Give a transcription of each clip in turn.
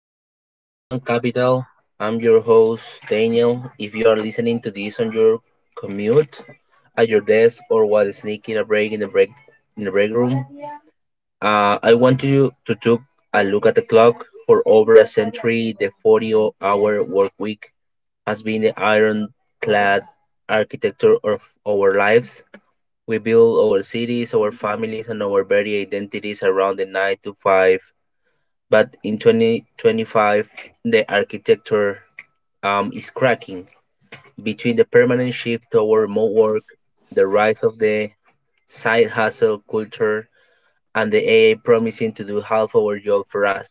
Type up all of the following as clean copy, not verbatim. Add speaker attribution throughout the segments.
Speaker 1: Welcome to the Human Capital. I'm your host, Daniel. If you are listening to this on your commute, at your desk, or while sneaking a break in the break room, I want you to take a look at the clock. For over a century, the 40-hour work week has been the ironclad architecture of our lives. We build our cities, our families, and our very identities around the 9 to 5, but in 2025, the architecture is cracking between the permanent shift toward remote work, the rise of the side hustle culture, and the AI promising to do half our job for us.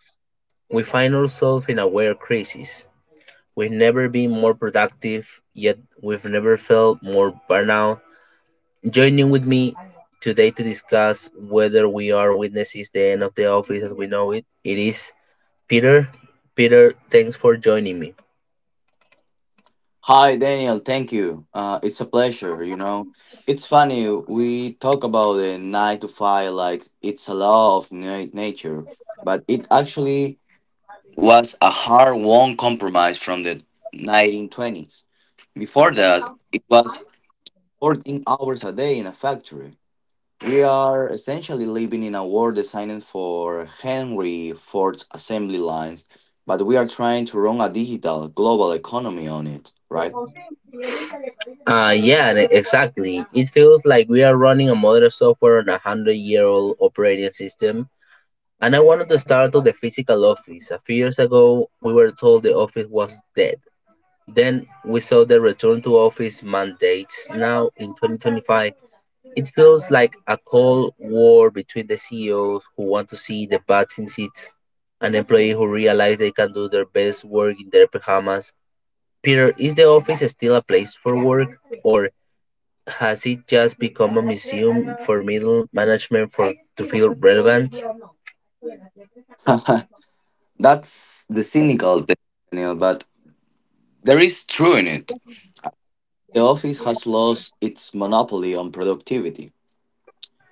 Speaker 1: We find ourselves in a weird crisis. We've never been more productive, yet we've never felt more burnout. Joining with me today to discuss whether we are witnesses the end of the office as we know it, it is Peter, Peter, thanks for joining me.
Speaker 2: Hi, Daniel. Thank you. It's a pleasure. You know, it's funny. We talk about the nine to five like it's a law of nature, but it actually was a hard won compromise from the 1920s. Before that, it was 14 hours a day in a factory. We are essentially living in a world designed for Henry Ford's assembly lines, but we are trying to run a digital global economy on it, right?
Speaker 1: Yeah, exactly. It feels like we are running a modern software on a hundred-year-old operating system. And I wanted to start on the physical office. A few years ago, we were told the office was dead. Then we saw the return to office mandates. Now in 2025, it feels like a cold war between the CEOs who want to see the butts in seats and employees who realize they can do their best work in their pajamas. Peter, is the office still a place for work, or has it just become a museum for middle management for to feel relevant?
Speaker 2: That's the cynical thing, Daniel, but there is truth in it. The office has lost its monopoly on productivity.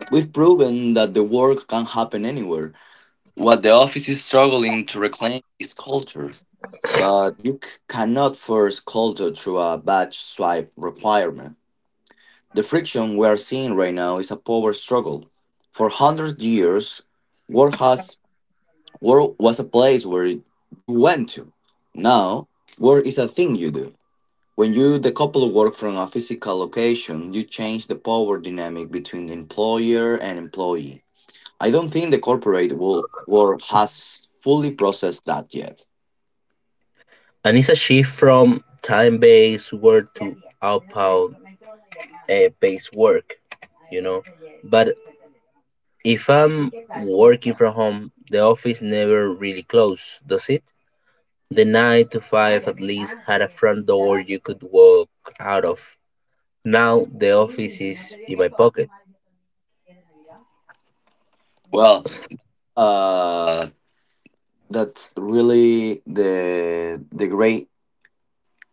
Speaker 2: We've proven that the work can happen anywhere. What the office is struggling to reclaim is culture. But you cannot force culture through a badge swipe requirement. The friction we are seeing right now is a power struggle. For hundreds years, work has Work was a place where you went to. Now, work is a thing you do. When you decouple work from a physical location, you change the power dynamic between the employer and employee. I don't think the corporate world has fully processed that yet.
Speaker 1: And it's a shift from time-based work to outbound base work, you know. But if I'm working from home, the office never really closed, does it? The 9 to 5 at least had a front door you could walk out of. Now the office is in my pocket.
Speaker 2: Well, uh, that's really the great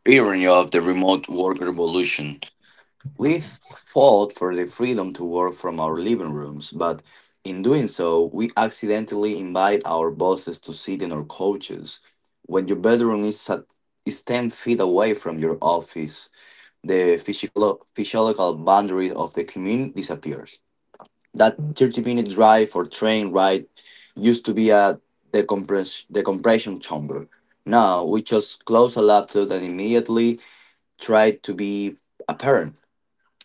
Speaker 2: irony of the remote work revolution. We fought for the freedom to work from our living rooms, but in doing so, we accidentally invite our bosses to sit in our couches. When your is 10 feet away from your office, the physiological boundary of the commute disappears. That 30-minute drive or train ride used to be a decompression chamber. Now we just close a laptop and immediately try to be a parent,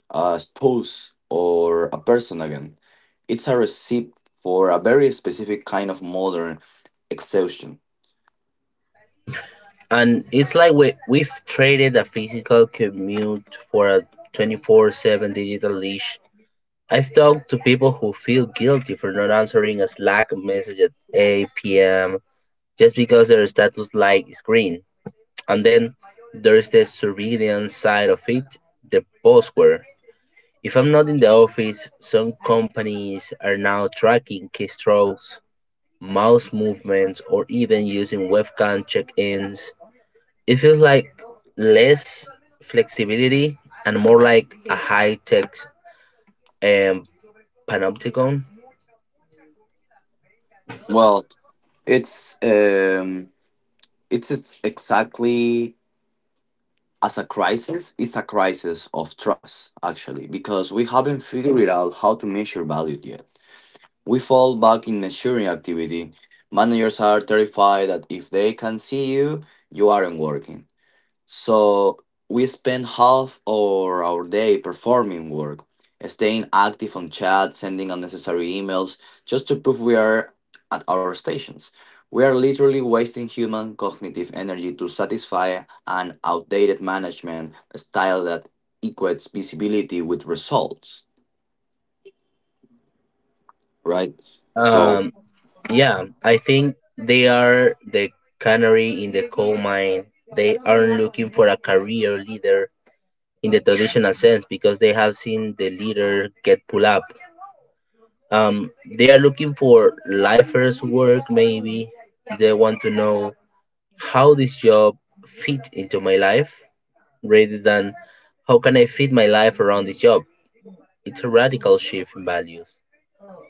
Speaker 2: a spouse, or a person again. It's a recipe for a very specific kind of modern exhaustion.
Speaker 1: And it's like we've traded a physical commute for a 24/7 digital leash. I've talked to people who feel guilty for not answering a Slack message at 8 p.m. just because their status light is green. And then there's the surveillance side of it, the buzzword. If I'm not in the office, some companies are now tracking keystrokes, mouse movements, or even using webcam check ins. It feels like less flexibility and more like a high tech um, panopticon.
Speaker 2: Well, it's um, it's exactly as a crisis. It's a crisis of trust, actually, because we haven't figured out how to measure value yet. We fall back in measuring activity. Managers are terrified that if they can see you, you aren't working. So we spend half of our day performing work, staying active on chat, sending unnecessary emails, just to prove we are at our stations. We are literally wasting human cognitive energy to satisfy an outdated management style that equates visibility with results, right? So
Speaker 1: Um, yeah, I think they are the canary in the coal mine. They aren't looking for a career leader in the traditional sense because they have seen the leader get pulled up. Um, they are looking for lifers work maybe. They want to know how this job fit into my life rather than how can I fit my life around this job. It's a radical shift in values.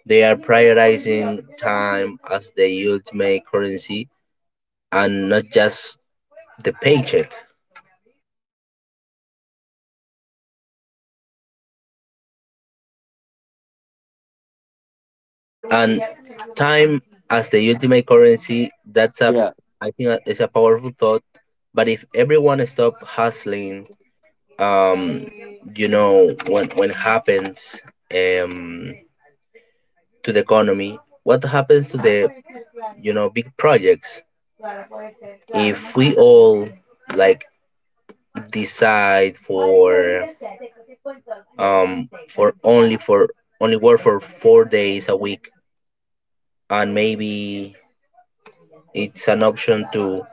Speaker 1: They are prioritizing time as the ultimate currency and not just the paycheck. And time as the ultimate currency, that's a,
Speaker 2: yeah,
Speaker 1: I think that is a powerful thought. But if everyone stop hustling, um you know, when happens, um to the economy, what happens to the, you know, big projects if we all, like, decide for, um for only for only work for 4 days a week? And maybe it's an option to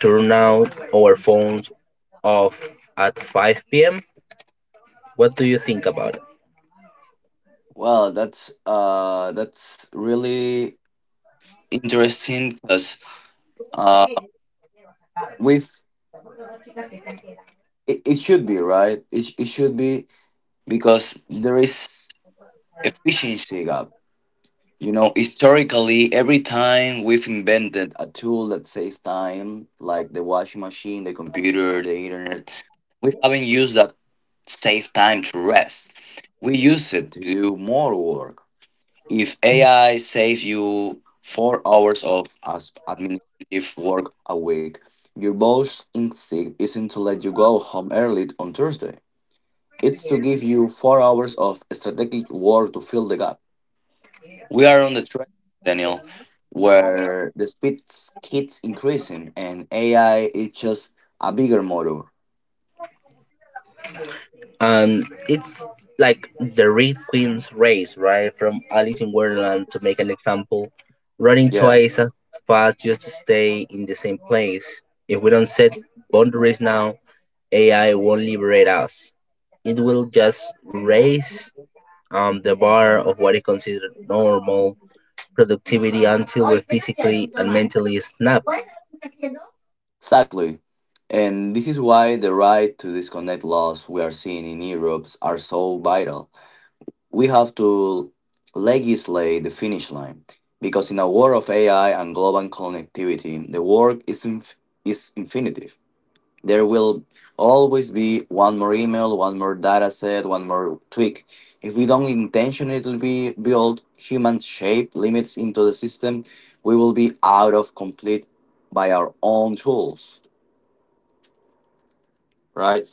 Speaker 1: turn out our phones off at 5 p.m. What do you think about it?
Speaker 2: well, that's really interesting because uh, we've it should be right. It should be because there is efficiency gap. You know, historically, every time we've invented a tool that saves time, like the washing machine, the computer, the internet, we haven't used that save time to rest. We use it to do more work. If AI saves you 4 hours of administrative work a week, your boss instinct isn't to let you go home early on Thursday. It's to give you 4 hours of strategic war to fill the gap. We are on the track, Daniel, where the speed keeps increasing and AI is just a bigger motor.
Speaker 1: Um, it's like the Red Queen's race, right? From Alice in Wonderland to make an example, running
Speaker 2: Yeah,
Speaker 1: twice as fast just to stay in the same place. If we don't set boundaries now, AI won't liberate us. It will just raise the bar of what is considered normal productivity until we're physically and mentally snapped.
Speaker 2: exactly. And this is why the right to disconnect laws we are seeing in Europe are so vital. We have to legislate the finish line because in a war of AI and global connectivity, the is infinitive. There will always be one more email, one more data set, one more tweak. If we don't intentionally build human shape limits into the system, we will be out of complete by our own tools, right?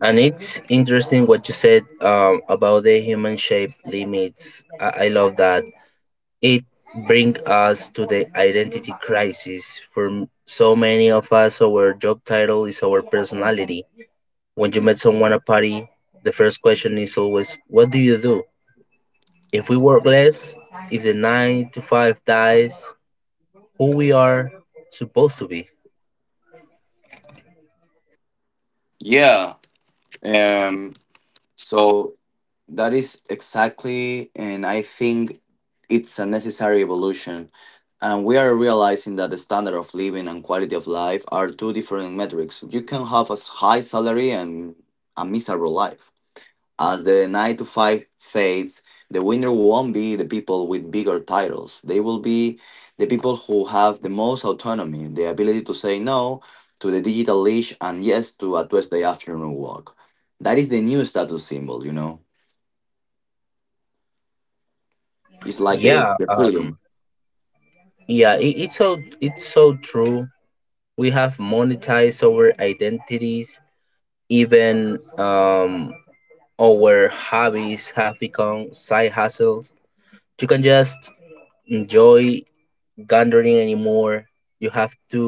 Speaker 1: And it's interesting what you said about the human shape limits. I love that. It brings us to the identity crisis. For so many of us, our job title is our personality. When you met someone at a party, the first question is always, "What do you do?" If we work less, if the 9 to 5 dies, who we are supposed to be.
Speaker 2: Yeah. Um, so that is exactly, and I think it's a necessary evolution, and we are realizing that the standard of living and quality of life are two different metrics. You can have a high salary and a miserable life. As the 9 to 5 fades, the winner won't be the people with bigger titles. They will be the people who have the most autonomy, the ability to say no to the digital leash and yes to a Tuesday afternoon walk. That is the new status symbol, you know? It's like the,
Speaker 1: Yeah,
Speaker 2: the
Speaker 1: um,
Speaker 2: freedom.
Speaker 1: Yeah, it's so it's so true. We have monetized our identities, even our hobbies have become side hustles. You can just enjoy gardening anymore. You have to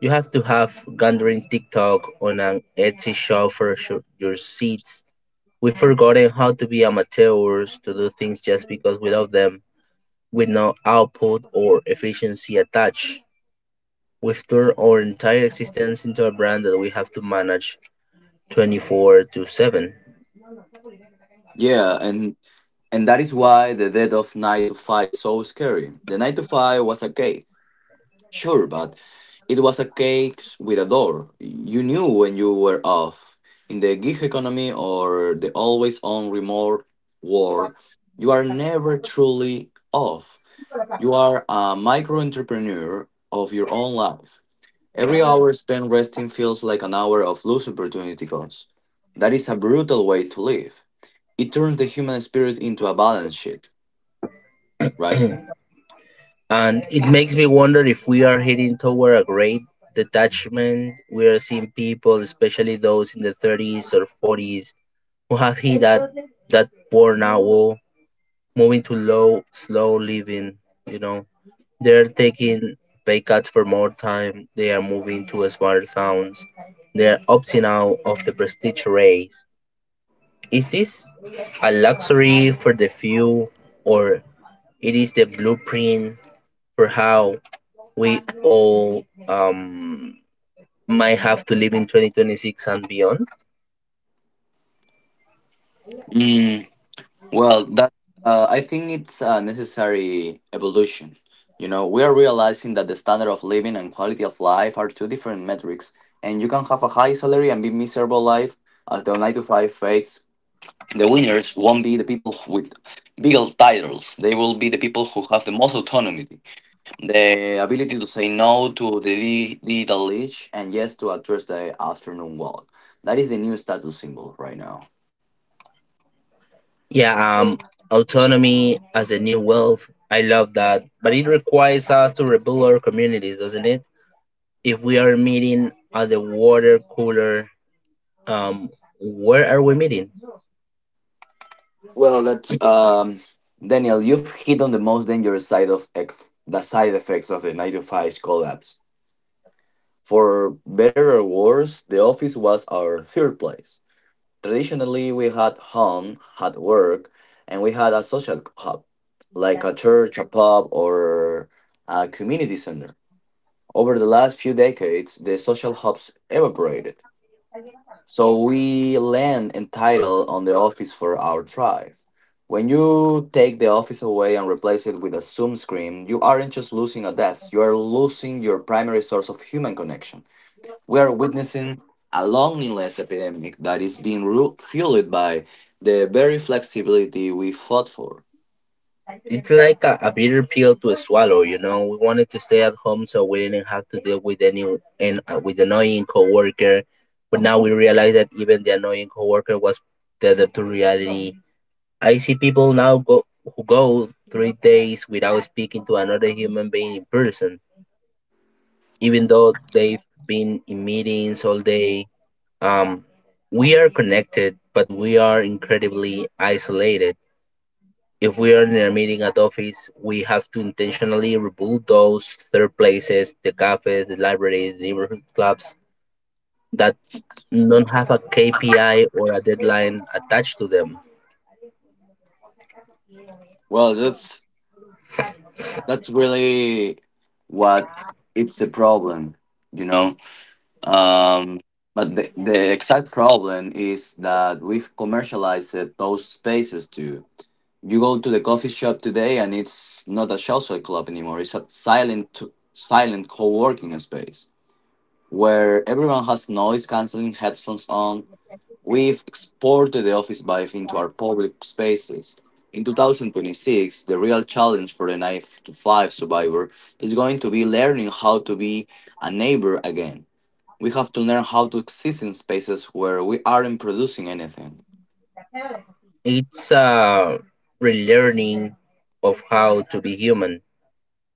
Speaker 1: you have to have gardening TikTok on an Etsy shop for your seeds. We've forgotten how to be amateurs to do things just because we love them with no output or efficiency attached. We've turned our entire existence into a brand that we have to manage 24 to 7.
Speaker 2: Yeah, and that is why the death of Night to Five is so scary. The Night to Five was a cake, sure, but it was a cake with a door. You knew when you were off. In the gig economy or the always on remote war, you are never truly off. You are a micro entrepreneur of your own life. Every hour spent resting feels like an hour of lost opportunity cost. That is a brutal way to live. It turns the human spirit into a balance sheet, right?
Speaker 1: And it makes me wonder if we are heading toward a great detachment. We are seeing people, especially those in the 30s or 40s, who have hit that burnout wall, moving to low, slow living. You know, they're taking pay cuts for more time, they are moving to smaller towns, they are opting out of the prestige race. Is this a luxury for the few, or it is the blueprint for how we all might have to live in 2026 and beyond.
Speaker 2: Mm, well, that I think it's a necessary evolution. You know, we are realizing that the standard of living and quality of life are two different metrics, and you can have a high salary and be miserable life as the nine to five fades. The winners won't be the people with bigger titles. They will be the people who have the most autonomy, the ability to say no to the digital leash and yes to a Thursday afternoon walk. That is the new status symbol right now.
Speaker 1: Yeah, um, Autonomy as a new wealth. I love that, but it requires us to rebuild our communities, doesn't it? If we are meeting at the water cooler, um, where are we meeting?
Speaker 2: Well, that's Daniel. You've hit on the most dangerous side of the side effects of the 9 to 5 collapse. For better or worse, the office was our third place. Traditionally, we had home, had work, and we had a social hub, like a church, a pub, or a community center. Over the last few decades, the social hubs evaporated. So we land entitled on the office for our tribe. When you take the office away and replace it with a Zoom screen, you aren't just losing a desk, you are losing your primary source of human connection. We are witnessing a loneliness epidemic that is being fueled by the very flexibility we fought for.
Speaker 1: It's like a bitter pill to swallow, you know. We wanted to stay at home so we didn't have to deal with any and with annoying coworker, but now we realize that even the annoying coworker was tethered to reality. I see people now go who go 3 days without speaking to another human being in person, even though they've been in meetings all day. Um, we are connected, but we are incredibly isolated. If we are in a meeting at office, we have to intentionally remove those third places, the cafes, the libraries, the neighborhood clubs that don't have a KPI or a deadline attached to them.
Speaker 2: Well, that's really what It's a problem, you know. Um, but the exact problem is that we've commercialized those spaces too. You go to the coffee shop today, and it's not a social club anymore. It's a silent co-working space where everyone has noise canceling headphones on. We've exported the office vibe into our public spaces. In 2026, the real challenge for the 9 to 5 survivor is going to be learning how to be a neighbor again. We have to learn how to exist in spaces where we aren't producing anything.
Speaker 1: It's a relearning of how to be human.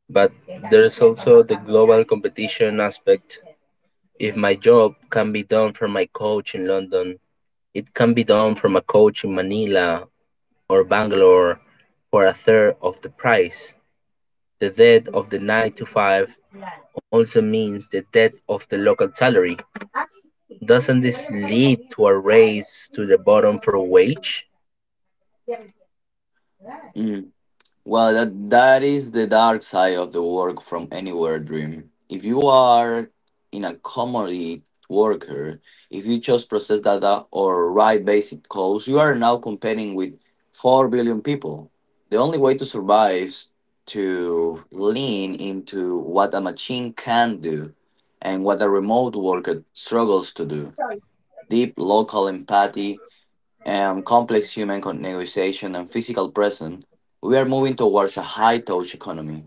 Speaker 1: But there's also the global competition aspect. If my job can be done from my coach in London, it can be done from a coach in Manila or Bangalore for a third of the price. The death of the nine-to-five also means the death of the local salary. Doesn't this lead to a race to the bottom for wage?
Speaker 2: Mm. Well, that, that is the dark side of the work from anywhere dream. If you are in a commodity worker, if you just process data or write basic codes, you are now competing with 4 billion people. The only way to survive is to lean into what a machine can do and what a remote worker struggles to do: deep local empathy, and complex human negotiation and physical presence, we are moving towards a high touch economy.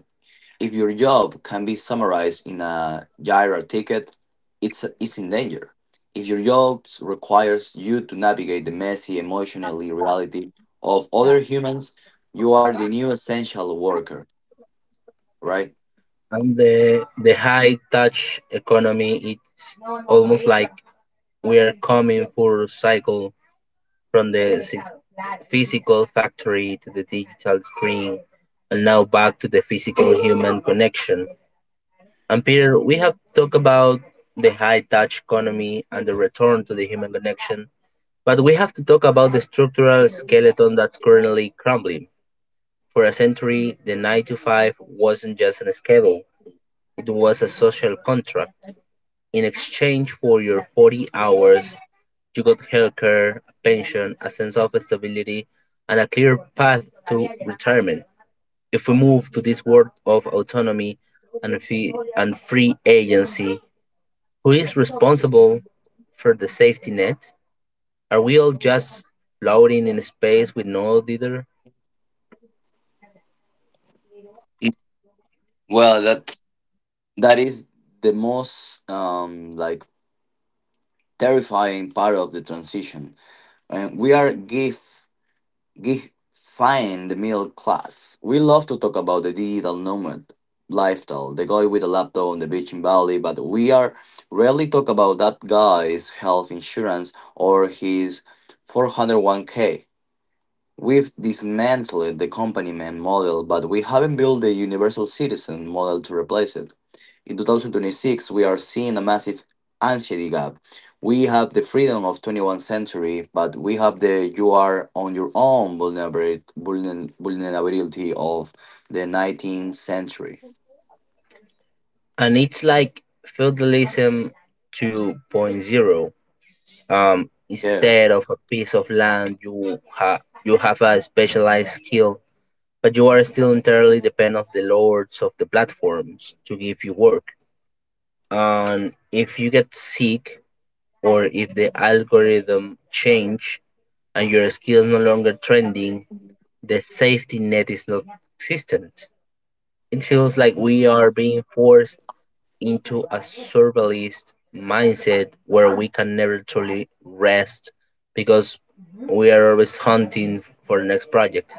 Speaker 2: If your job can be summarized in a gyro ticket, it's in danger. If your job requires you to navigate the messy emotionally reality of other humans, you are the new essential worker, right?
Speaker 1: And the high touch economy, it's almost like we are coming full cycle from the physical factory to the digital screen and now back to the physical human connection. And Peter, we have talked about the high touch economy and the return to the human connection. But we have to talk about the structural skeleton that's currently crumbling. For a century, the 9 to 5 wasn't just a schedule, it was a social contract. In exchange for your 40 hours, you got healthcare, a pension, a sense of stability, and a clear path to retirement. If we move to this world of autonomy and, and free agency, who is responsible for the safety net? Are we all just floating in space with no leader?
Speaker 2: Mm, Well, that that is the most like terrifying part of the transition and we are gifted Gee, fine the middle class. We love to talk about the digital nomad lifestyle, the guy with a laptop on the beach in Bali, but we are rarely talk about that guy's health insurance or his 401 k. We've dismantled the companyman model, but we haven't built the universal citizen model to replace it. In 2026, we are seeing a massive anxiety gap. We have the freedom of 21st century, but we have the you are on your own vulnerability of the 19th century.
Speaker 1: And it's like feudalism 2.0.
Speaker 2: Yeah.
Speaker 1: Instead of a piece of land, you you have a specialized skill, but you are still entirely dependent on the lords of the platforms to give you work. And if you get sick, or if the algorithm change and your skill is no longer trending, the safety net is not existent. It feels like we are being forced into a survivalist mindset where we can never truly rest because we are always hunting for the next project.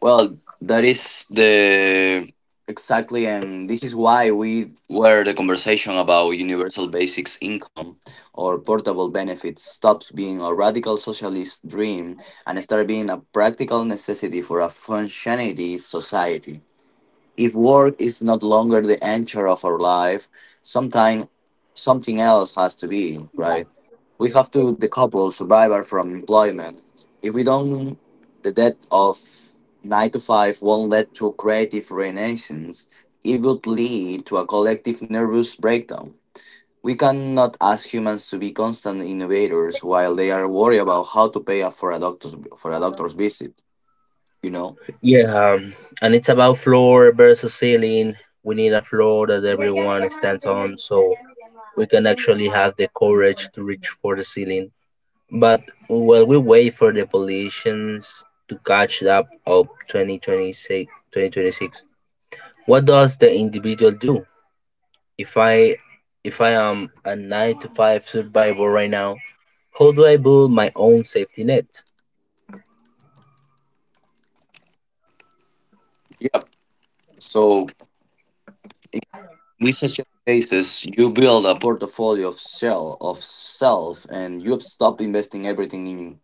Speaker 2: Well, that is the Exactly, and this is why we where the conversation about universal basics income or portable benefits stops being a radical socialist dream and start being a practical necessity for a functioning society. If work is not longer the anchor of our life, sometime something else has to be, right? We have to decouple survival from employment. If we don't, the death of 9 to 5 won't lead to creative renaissance. It would lead to a collective nervous breakdown. We cannot ask humans to be constant innovators while they are worried about how to pay for a doctor's visit. You know.
Speaker 1: Yeah, um, and it's about floor versus ceiling. We need a floor that everyone stands on so we can actually have the courage to reach for the ceiling. But while we wait for the politicians to catch up of 2026, what does the individual do? If I if I am a nine to five survivor right now, how do I build my own safety net?
Speaker 2: Yep. So This cases, you build a portfolio of shell of self, and you stop investing everything in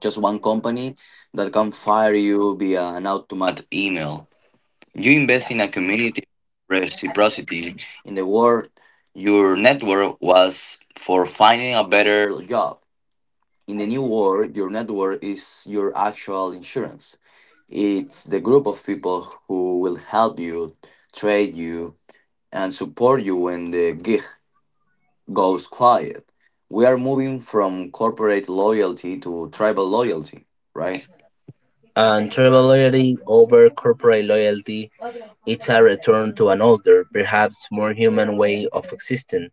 Speaker 2: just one company that can fire you via an automatic email. You invest in a community of reciprocity. In the world, your network was for finding a better job. In the new world, your network is your actual insurance. It's the group of people who will help you, trade you, and support you when the gig goes quiet. We are moving from corporate loyalty to tribal loyalty, right?
Speaker 1: And tribal loyalty over corporate loyalty, it's a return to an older, perhaps more human way of existing,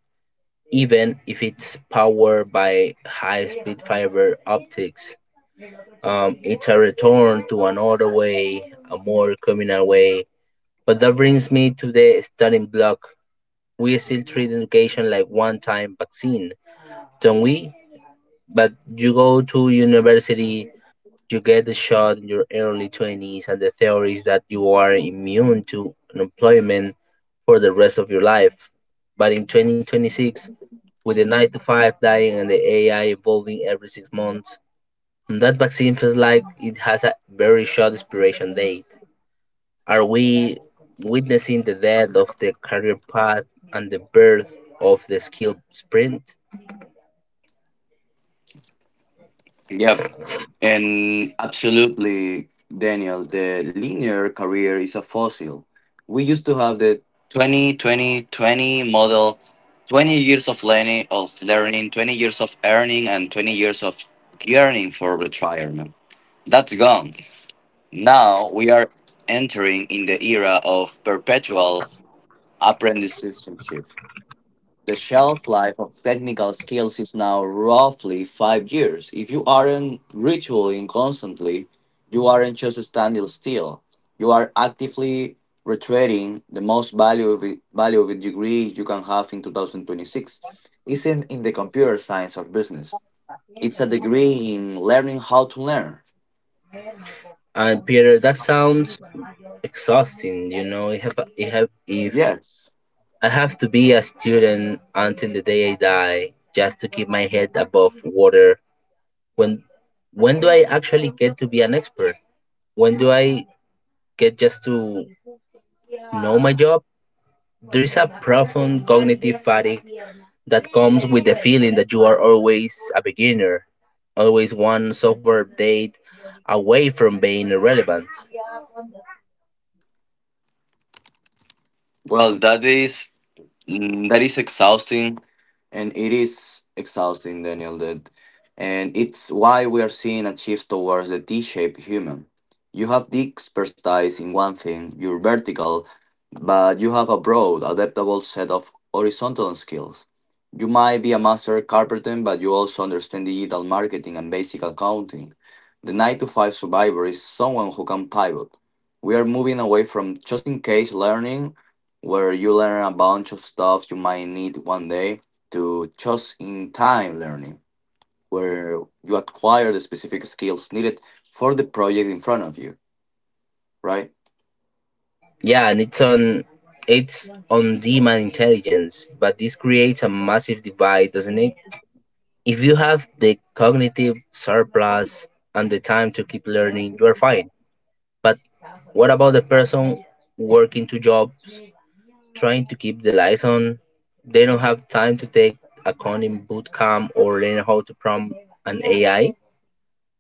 Speaker 1: even if it's powered by high speed fiber optics. It's a return to another way, a more communal way. But that brings me to the starting block. We still treat education like one time vaccine, don't we? But you go to university, you get the shot in your early 20s, and the theory is that you are immune to unemployment for the rest of your life. But in 2026, with the 9 to 5 dying and the AI evolving every 6 months, that vaccine feels like it has a very short expiration date. Are we witnessing the death of the career path and the birth of the skill sprint?
Speaker 2: Yep. And absolutely, Daniel, the linear career is a fossil. We used to have the 20, 20, 20 model 20 years of learning, 20 years of earning, and 20 years of yearning for retirement. That's gone. Now we are entering in the era of perpetual apprenticeship. The shelf life of technical skills is now roughly 5 years. If you aren't retooling constantly, you aren't just standing still. You are actively retreading. The most value of a degree you can have in 2026 isn't in the computer science of business. It's a degree in learning how to learn.
Speaker 1: And Peter, that sounds exhausting. You know, if
Speaker 2: Yes.
Speaker 1: I have to be a student until the day I die just to keep my head above water, when when do I actually get to be an expert? When do I get just to know my job? There is a profound cognitive fatigue that comes with the feeling that you are always a beginner, always one software update away from being irrelevant.
Speaker 2: Well, that is exhausting, and it is exhausting, Daniel, that and it's why we are seeing a shift towards the t-shaped human. You have deep expertise in one thing, you're vertical, but you have a broad adaptable set of horizontal skills. You might be a master carpenter, but you also understand digital marketing and basic accounting. The 9 to 5 survivor is someone who can pivot. We are moving away from just in case learning, where you learn a bunch of stuff you might need one day, to just in time learning, where you acquire the specific skills needed for the project in front of you, right?
Speaker 1: Yeah, and it's on demand intelligence, but this creates a massive divide, doesn't it? If you have the cognitive surplus and the time to keep learning, you are fine. But what about the person working two jobs trying to keep the lights on? They don't have time to take a coding boot camp or learn how to prompt an AI.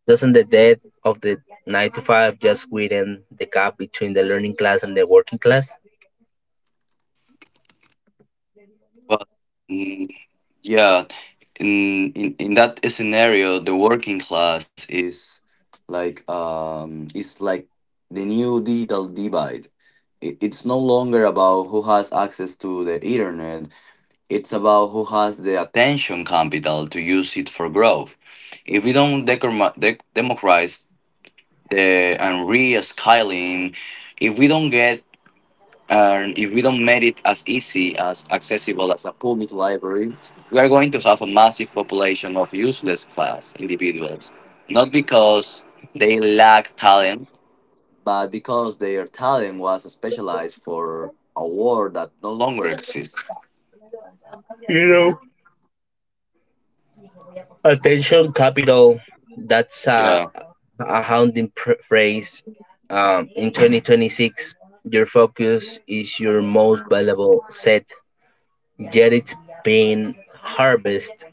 Speaker 1: Doesn't the death of the 9 to 5 just widen the gap between the learning class and the working class?
Speaker 2: Well, mm, yeah, in that scenario, the working class is like the new digital divide. It's no longer about who has access to the internet. It's about who has the attention capital to use it for growth. If we don't democratize the and re-scaling, if we don't get and if we don't make it as easy as accessible as a public library, we are going to have a massive population of useless fast individuals, not because they lack talent, but because their talent was specialized for a world that no longer exists.
Speaker 1: You know, attention capital, that's a,
Speaker 2: Yeah,
Speaker 1: a haunting phrase. In 2026, your focus is your most valuable set, yet it's being harvested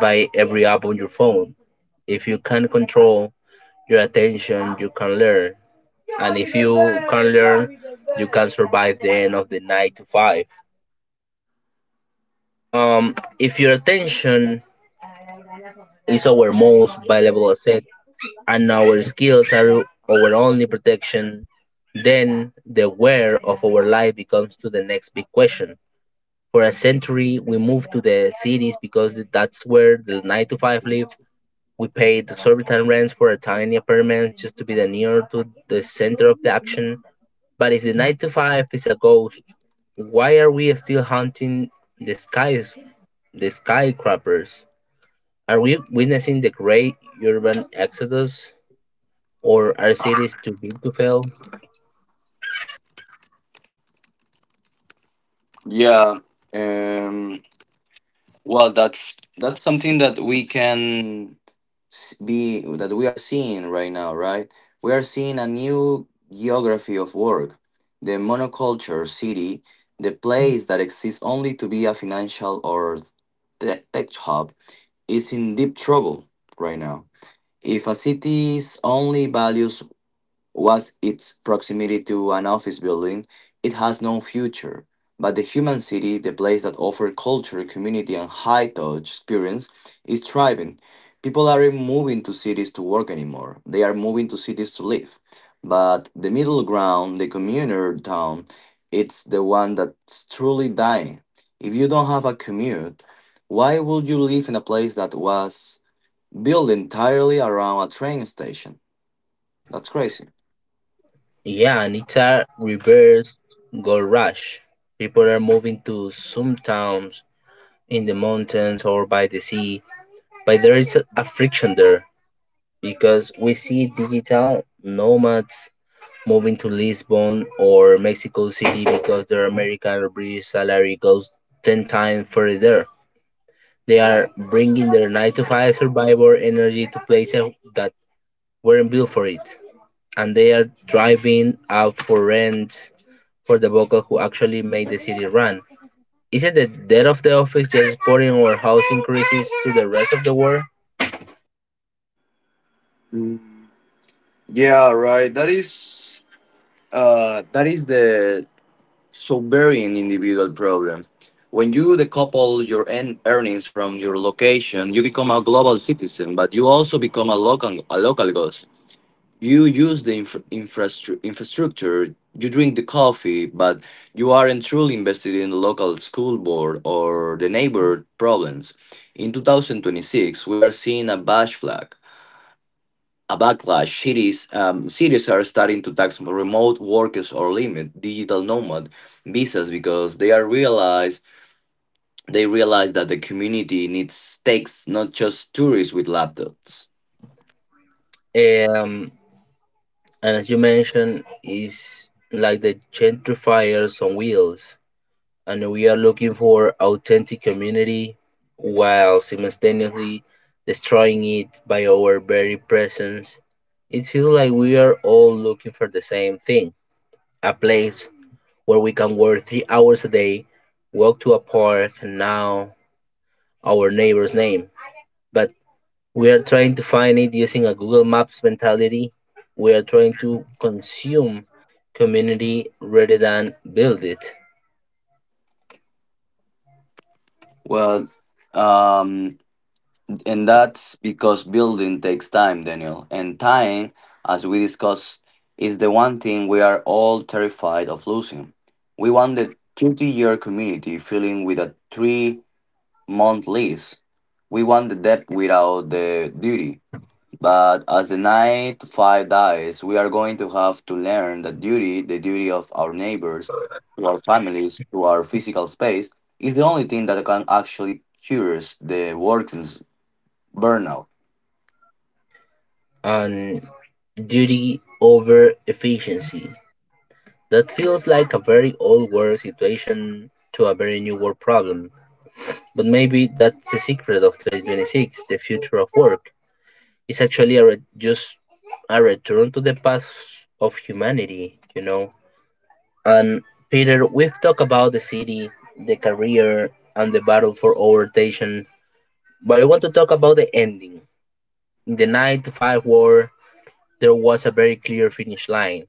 Speaker 1: by every app on your phone. If you can control your attention, you can learn. And if you can learn, you can survive the end of the nine to five. If your attention is our most valuable asset and our skills are our only protection, then the where of our life becomes to the next big question. For a century, we moved to the cities because that's where the 9 to 5 live. We paid exorbitant rents for a tiny apartment just to be the near to the center of the action. But if the 9 to 5 is a ghost, why are we still hunting the skies, the skyscrapers? Are we witnessing the great urban exodus, or are cities too big to fail?
Speaker 2: yeah. um Well, that's something that we can be that we are seeing right now, right? We are seeing a new geography of work, the monoculture city, the place that exists only to be a financial or tech hub, is in deep trouble right now. If a city's only values was its proximity to an office building, it has no future. But the human city, the place that offers culture, community, and high touch experience, is thriving. People aren't moving to cities to work anymore, they are moving to cities to live. But the middle ground, the commuter town, it's the one that's truly dying. If you don't have a commute, why would you live in a place that was built entirely around a train station? That's crazy.
Speaker 1: Yeah, and it's a reverse gold rush. People are moving to some towns in the mountains or by the sea, but there is a friction there, because we see digital nomads moving to Lisbon or Mexico City because their American or British salary goes 10 times further. They are bringing their 9 to 5 survivor energy to places that weren't built for it. And they are driving out for rents for the vocal who actually make the city run. Isn't the death of the office just supporting our housing increases to the rest of the world?
Speaker 2: Yeah, right. That is the sovereign individual problem. When you decouple your earnings from your location, you become a global citizen, but you also become a local ghost. You use the infrastructure, you drink the coffee, but you aren't truly invested in the local school board or the neighbor problems. In 2026, we are seeing a bash flag a backlash. Cities are starting to tax remote workers or limit digital nomad visas because they realize that the community needs takes not just tourists with laptops.
Speaker 1: Um, And as you mentioned, is like the gentrifiers on wheels. And we are looking for authentic community while simultaneously destroying it by our very presence. It feels like we are all looking for the same thing. A place where we can work 3 hours a day, walk to a park, and now our neighbor's name. But we are trying to find it using a Google Maps mentality. We are trying to consume community rather than build it.
Speaker 2: Well, um, and that's because building takes time, Daniel, and time, as we discussed, is the one thing we are all terrified of losing. We want the 30-year community filling with a 3-month lease. We want the debt without the duty. But as the night five dies, we are going to have to learn that duty, the duty of our neighbors, to our families, to our physical space, is the only thing that can actually cures the workers burnout.
Speaker 1: And duty over efficiency. That feels like a very old world situation to a very new world problem. But maybe that's the secret of 2026, the future of work. It's actually a just a return to the past of humanity, you know? And Peter, we've talked about the city, the career, and the battle for orientation, but I want to talk about the ending. In the 9 to 5 war, there was a very clear finish line.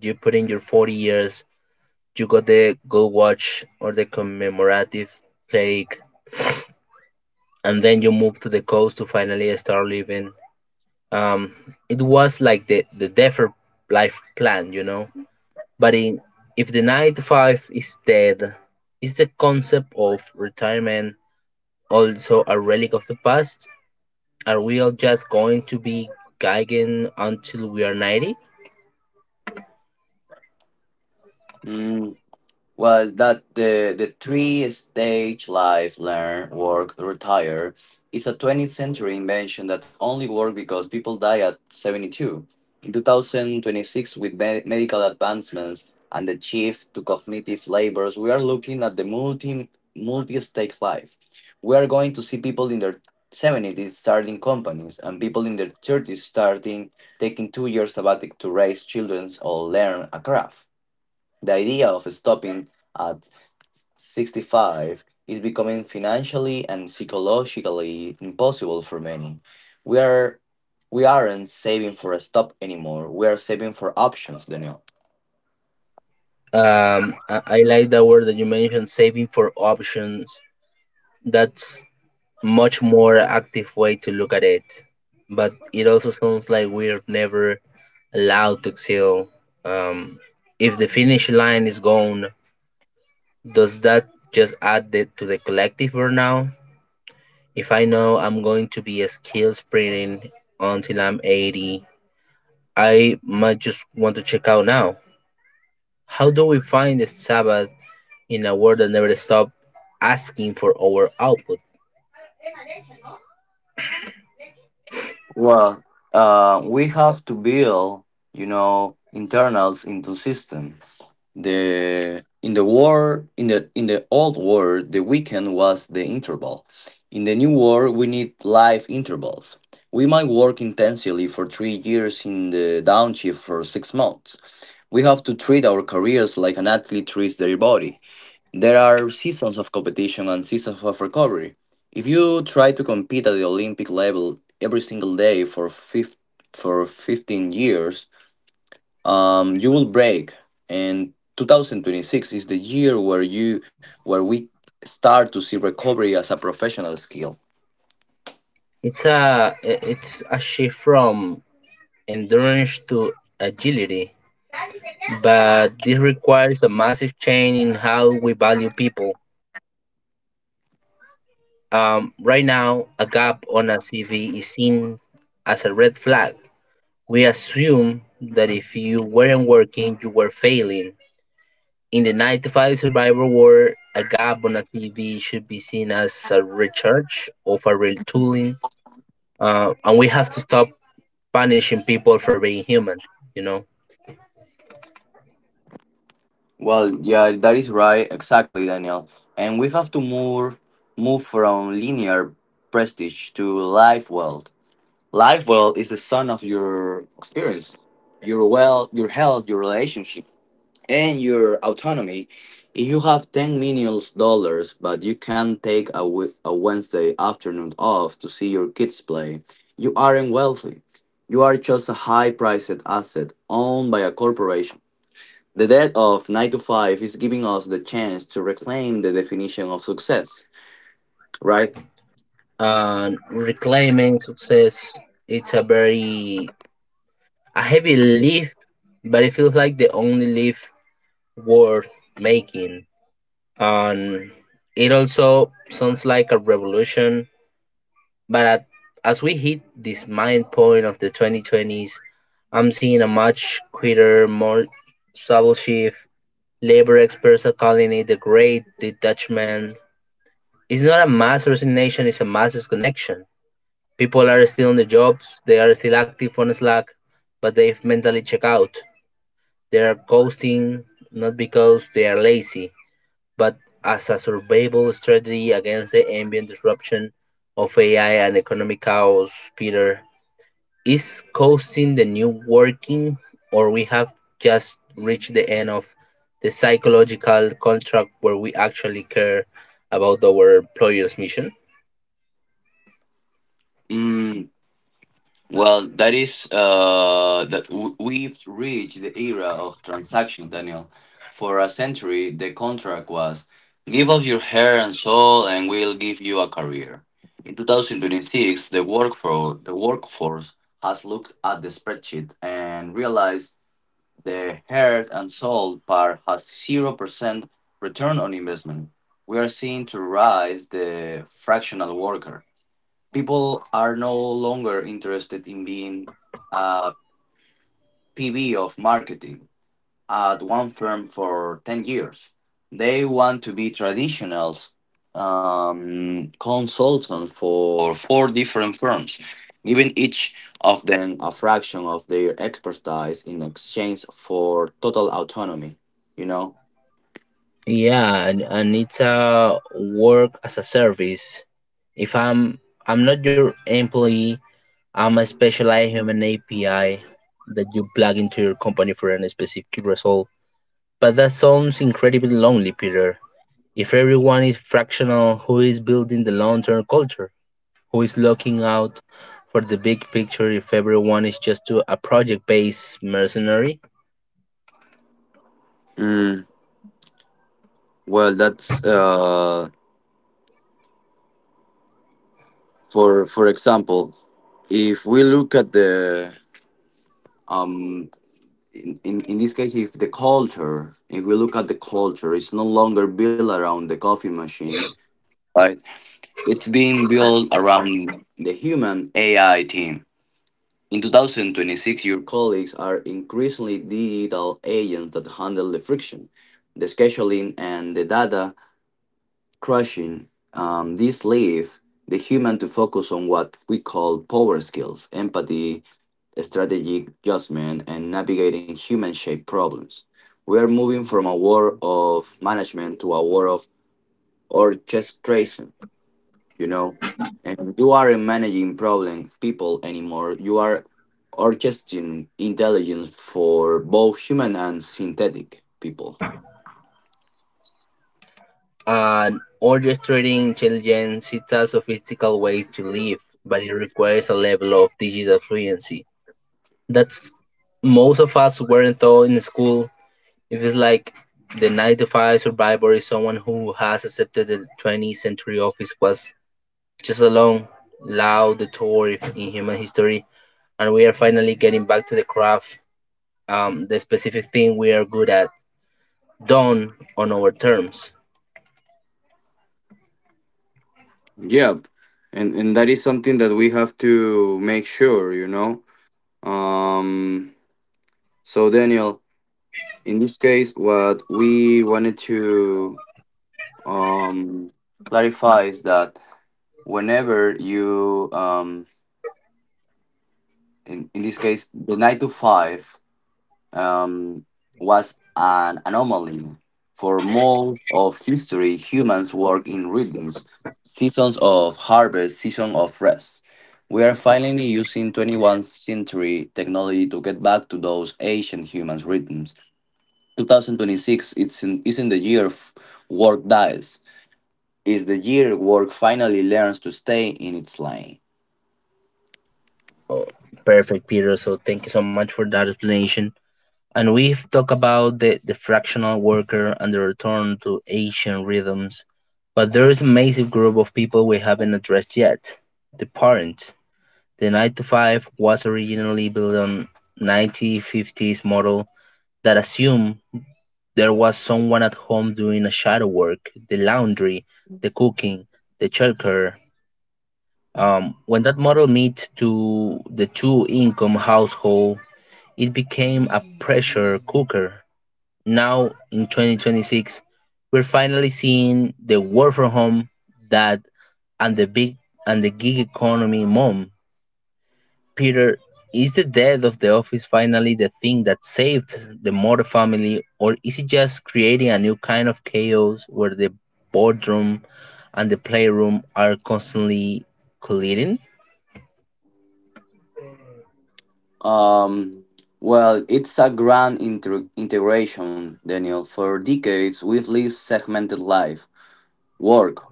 Speaker 1: You put in your 40 years, you got the gold watch or the commemorative plaque, and then you move to the coast to finally start living. Um, it was like the defer life plan, you know? But in If the 9 to 5 is dead, is the concept of retirement also a relic of the past? Are we all just going to be gigging until we are 90?
Speaker 2: Well, that the three stage life, learn, work, retire, is a 20th century invention that only worked because people die at 72. In 2026, with medical advancements and the shift to cognitive labors, we are looking at the multi stake life. We are going to see people in their 70s starting companies and people in their 30s starting taking 2 years sabbatic to raise children or learn a craft. The idea of stopping at 65 is becoming financially and psychologically impossible for many. We are we aren't saving for a stop anymore. We are saving for options, Daniel.
Speaker 1: I like that word that you mentioned, saving for options. That's much more active way to look at it. But it also sounds like we're never allowed to excel. Um, if the finish line is gone, does that just add to the collective burnout? If I know I'm going to be a skill sprinting until I'm 80, I might just want to check out now. How do we find the Sabbath in a world that never stops asking for our output?
Speaker 2: Well, we have to build internals into system. The in the war in the old war the weekend was the interval. In the new war we need life intervals. We might work intensely for 3 years in the downshift for 6 months. We have to treat our careers like an athlete treats their body. There are seasons of competition and seasons of recovery. If you try to compete at the Olympic level every single day for for 15 years, you will break. And 2026 is the year where we start to see recovery as a professional skill.
Speaker 1: It's a shift from endurance to agility, but this requires a massive change in how we value people. Right now, a gap on a CV is seen as a red flag. We assume that if you weren't working, you were failing. In the 9 to 5 survivor world, a gap on a CV should be seen as a recharge of a retooling. And we have to stop punishing people for being human, you know?
Speaker 2: Well, yeah, that is right, exactly, Daniel. And we have to move from linear prestige to life world. Life world is the sum of your experience, your health, your relationship and your autonomy. If you have $10 million, but you can take a Wednesday afternoon off to see your kids play, you aren't wealthy. You are just a high-priced asset owned by a corporation. The death of 9 to 5 is giving us the chance to reclaim the definition of success, right?
Speaker 1: And reclaiming success, it's a heavy lift, but it feels like the only lift worth making. And it also sounds like a revolution. But as we hit this mind point of the 2020s, I'm seeing a much quicker, more subtle shift. Labor experts are calling it the Great Detachment. It's not a mass resignation; it's a mass disconnection. People are still on the jobs, they are still active on Slack, but they've mentally checked out. They are ghosting not because they are lazy, but as a survival strategy against the ambient disruption of AI and economic chaos. Peter, is coasting the new working, or we have just reached the end of the psychological contract where we actually care about our employer's mission?
Speaker 2: Mm. Well, that is that w- we've reached the era of transaction, Daniel. For a century, the contract was give us your hair and soul, and we'll give you a career. In 2026, the workforce has looked at the spreadsheet and realized the hair and soul part has 0% return on investment. We are seeing to rise the fractional worker. People are no longer interested in being a PB of marketing at one firm for 10 years. They want to be traditional consultants for four different firms, giving each of them a fraction of their expertise in exchange for total autonomy, you know?
Speaker 1: Yeah, and it's a work as a service. If I'm I'm not your employee, I'm a specialized human API that you plug into your company for a specific result. But that sounds incredibly lonely, Peter. If everyone is fractional, who is building the long term culture? Who is looking out for the big picture if everyone is a project based mercenary?
Speaker 2: Mm, well, that's for example, if we look at um in this case, if the culture, if we look at the culture, it's no longer built around the coffee machine, right? It's being built around the human AI team. In 2026, your colleagues are increasingly digital agents that handle the friction, the scheduling, and the data crushing. This leave the human to focus on what we call power skills, empathy, strategic judgment, and navigating human shaped problems. We are moving from a war of management to a war of orchestration, you know? And you aren't managing problem people anymore. You are orchestrating intelligence for both human and synthetic people.
Speaker 1: And orchestrating intelligence is a sophisticated way to live, but it requires a level of digital fluency that most of us weren't taught in school. If it's like the 95 survivor is someone who has accepted the 20th century of his was just a long, loud detour in human history, and we are finally getting back to the craft, the specific thing we are good at, done on our terms.
Speaker 2: Yeah. And that is something that we have to make sure. Um so Daniel, in this case what we wanted to um clarifies that whenever in this case the nine to five um was an anomaly. For most of history humans work in rhythms, seasons of harvest, season of rest. We are finally using 21st century technology to get back to those ancient humans rhythms. 2026, it's in, isn't the year of work dies, is the year work finally learns to stay in its lane.
Speaker 1: Oh, perfect, Peter. So thank you so much for that explanation. And we've talked about the fractional worker and the return to ancient rhythms, but there is a massive group of people we haven't addressed yet, the parents. The nine-to-five was originally built on nineteen-fifties model that assumed there was someone at home doing a shadow work, the laundry, the cooking, the childcare. When that model meet to the two-income household, it became a pressure cooker. Now in 2026, we're finally seeing the work from home dad and the big and the gig economy mom. Peter, is the death of the office finally the thing that saved the Mota family, or is it just creating a new kind of chaos where the boardroom and the playroom are constantly colliding?
Speaker 2: Um, well, it's a grand integration, Daniel. For decades, we've lived segmented life, work,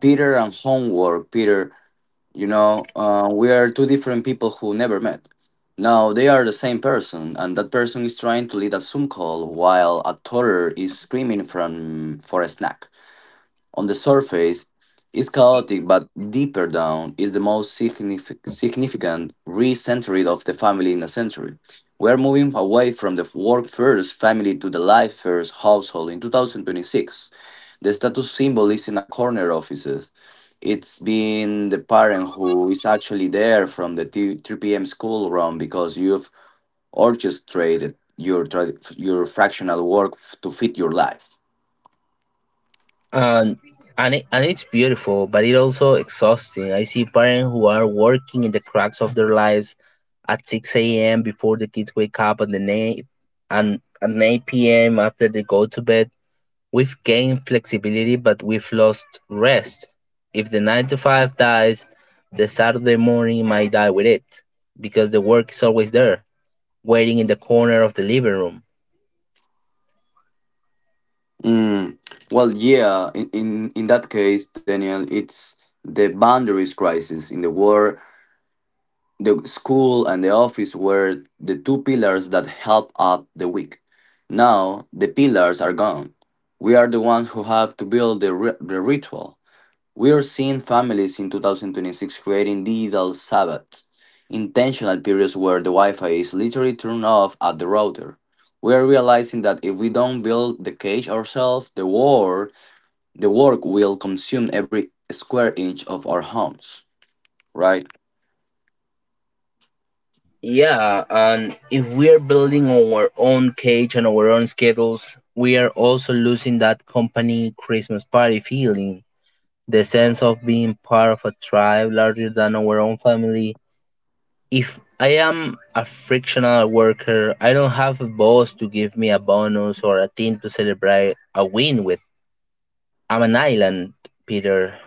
Speaker 2: Peter, and homework, Peter. You know, we are two different people who never met. Now they are the same person, and that person is trying to lead a Zoom call while a toddler is screaming from for a snack. On the surface, is chaotic, but deeper down is the most significant recentering of the family in a century. We are moving away from the work first family to the life first household in 2026. The status symbol is in a corner offices. It's been the parent who is actually there from the 3 p.m. school run because you've orchestrated your fractional work to fit your life.
Speaker 1: And and it's beautiful, but it's also exhausting. I see parents who are working in the cracks of their lives at 6 a.m. before the kids wake up, and at 9 p.m. after they go to bed. We've gained flexibility, but we've lost rest. If the 9 to 5 dies, the Saturday morning might die with it because the work is always there, waiting in the corner of the living room.
Speaker 2: Mm, well, yeah, in that case, Daniel, it's the boundaries crisis in the war. The school and the office were the two pillars that help up the weak. Now, the pillars are gone. We are the ones who have to build the ritual. We are seeing families in 2026 creating digital Sabbaths, intentional periods where the Wi Fi is literally turned off at the router. We are realizing that if we don't build the cage ourselves, the work will consume every square inch of our homes, right?
Speaker 1: Yeah, and if we are building our own cage and our own schedules, we are also losing that company Christmas party feeling, the sense of being part of a tribe larger than our own family. If I am a frictional worker, I don't have a boss to give me a bonus or a team to celebrate a win with. I'm an island, Peter.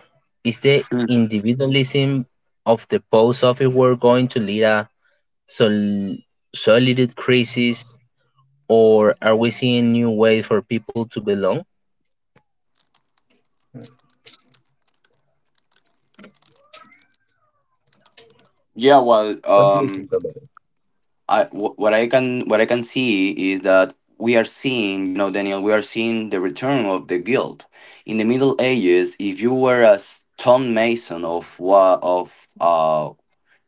Speaker 1: Is the
Speaker 2: Mm.
Speaker 1: individualism of the post office work going to lead a sol- solid crisis, or are we seeing new ways for people to belong?
Speaker 2: Yeah. Well, I wh- what I can see is that we are seeing, you know, Daniel, we are seeing the return of the guild. In the Middle Ages, if you were a stone mason of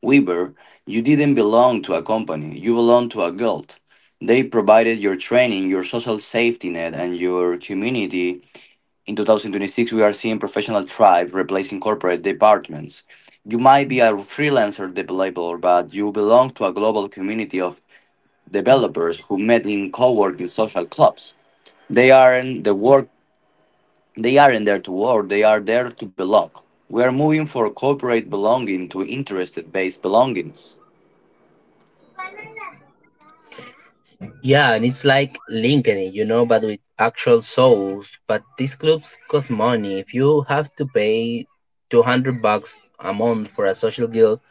Speaker 2: weaver, you didn't belong to a company. You belonged to a guild. They provided your training, your social safety net, and your community. In 2026, we are seeing professional tribes replacing corporate departments. You might be a freelancer developer, but you belong to a global community of developers who met in co-working social clubs. They aren't the work. They aren't there to work. They are there to belong. We are moving from corporate belonging to interest-based belongings.
Speaker 1: Yeah, and it's like Linkedin, you know, but with actual souls. But these clubs cost money. If you have to pay $200 a month for a social guild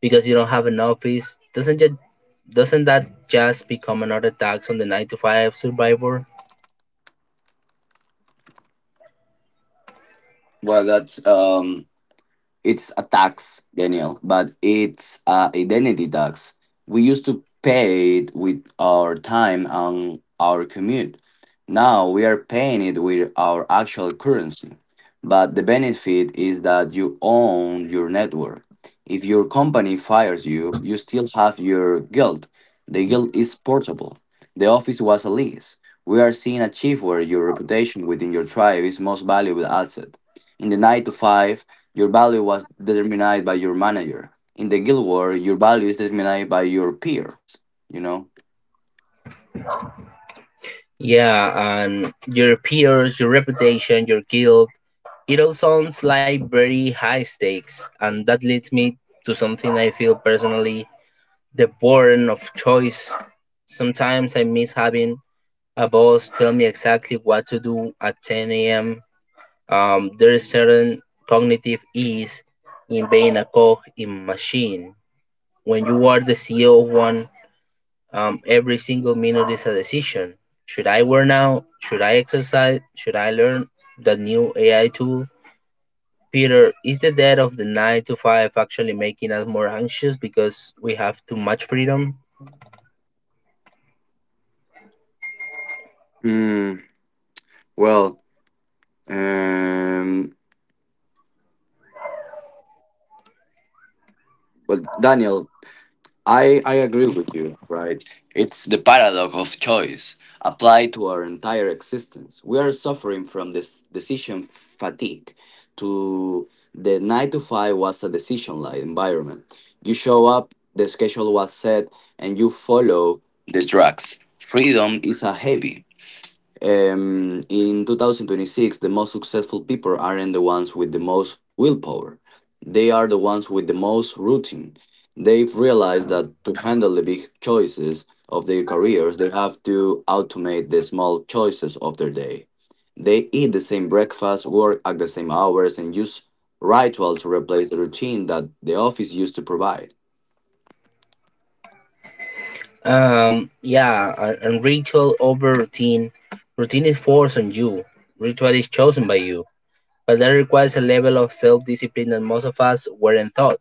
Speaker 1: because you don't have an office, doesn't that just become another tax on the 9 to 5 survivor?
Speaker 2: Well, that's It's a tax, Daniel, but it's a identity tax. We used to pay it with our time and our commute. Now we are paying it with our actual currency. But the benefit is that you own your network. If your company fires you, you still have your guild. The guild is portable. The office was a lease. We are seeing a shift where your reputation within your tribe is most valuable asset. In the 9 to 5, your value was determined by your manager. In the guild war, your value is determined by your peers. You know.
Speaker 1: Yeah, and your peers, your reputation, your guild, it all sounds like very high stakes. And that leads me to something I feel personally, the burden of choice. Sometimes I miss having a boss tell me exactly what to do at 10 a.m. There is certain cognitive ease in being a cog in a machine. When you are the CEO of one, every single minute is a decision. Should I work now? Should I exercise? Should I learn the new AI tool? Peter, is the death of the 9 to 5 actually making us more anxious because we have too much freedom?
Speaker 2: Hmm. Well. Um. But Daniel, I agree with you, right? It's the paradox of choice applied to our entire existence. We are suffering from this decision fatigue. To The 9 to 5 was a decision light environment. You show up, the schedule was set, and you follow the tracks. Freedom is a heavy. In 2026, the most successful people aren't the ones with the most willpower. They are the ones with the most routine. They've realized that to handle the big choices of their careers, they have to automate the small choices of their day. They eat the same breakfast, work at the same hours, and use ritual to replace the routine that the office used to provide.
Speaker 1: And ritual over routine. Routine is forced on you. Ritual is chosen by you. But that requires a level of self-discipline that most of us weren't taught.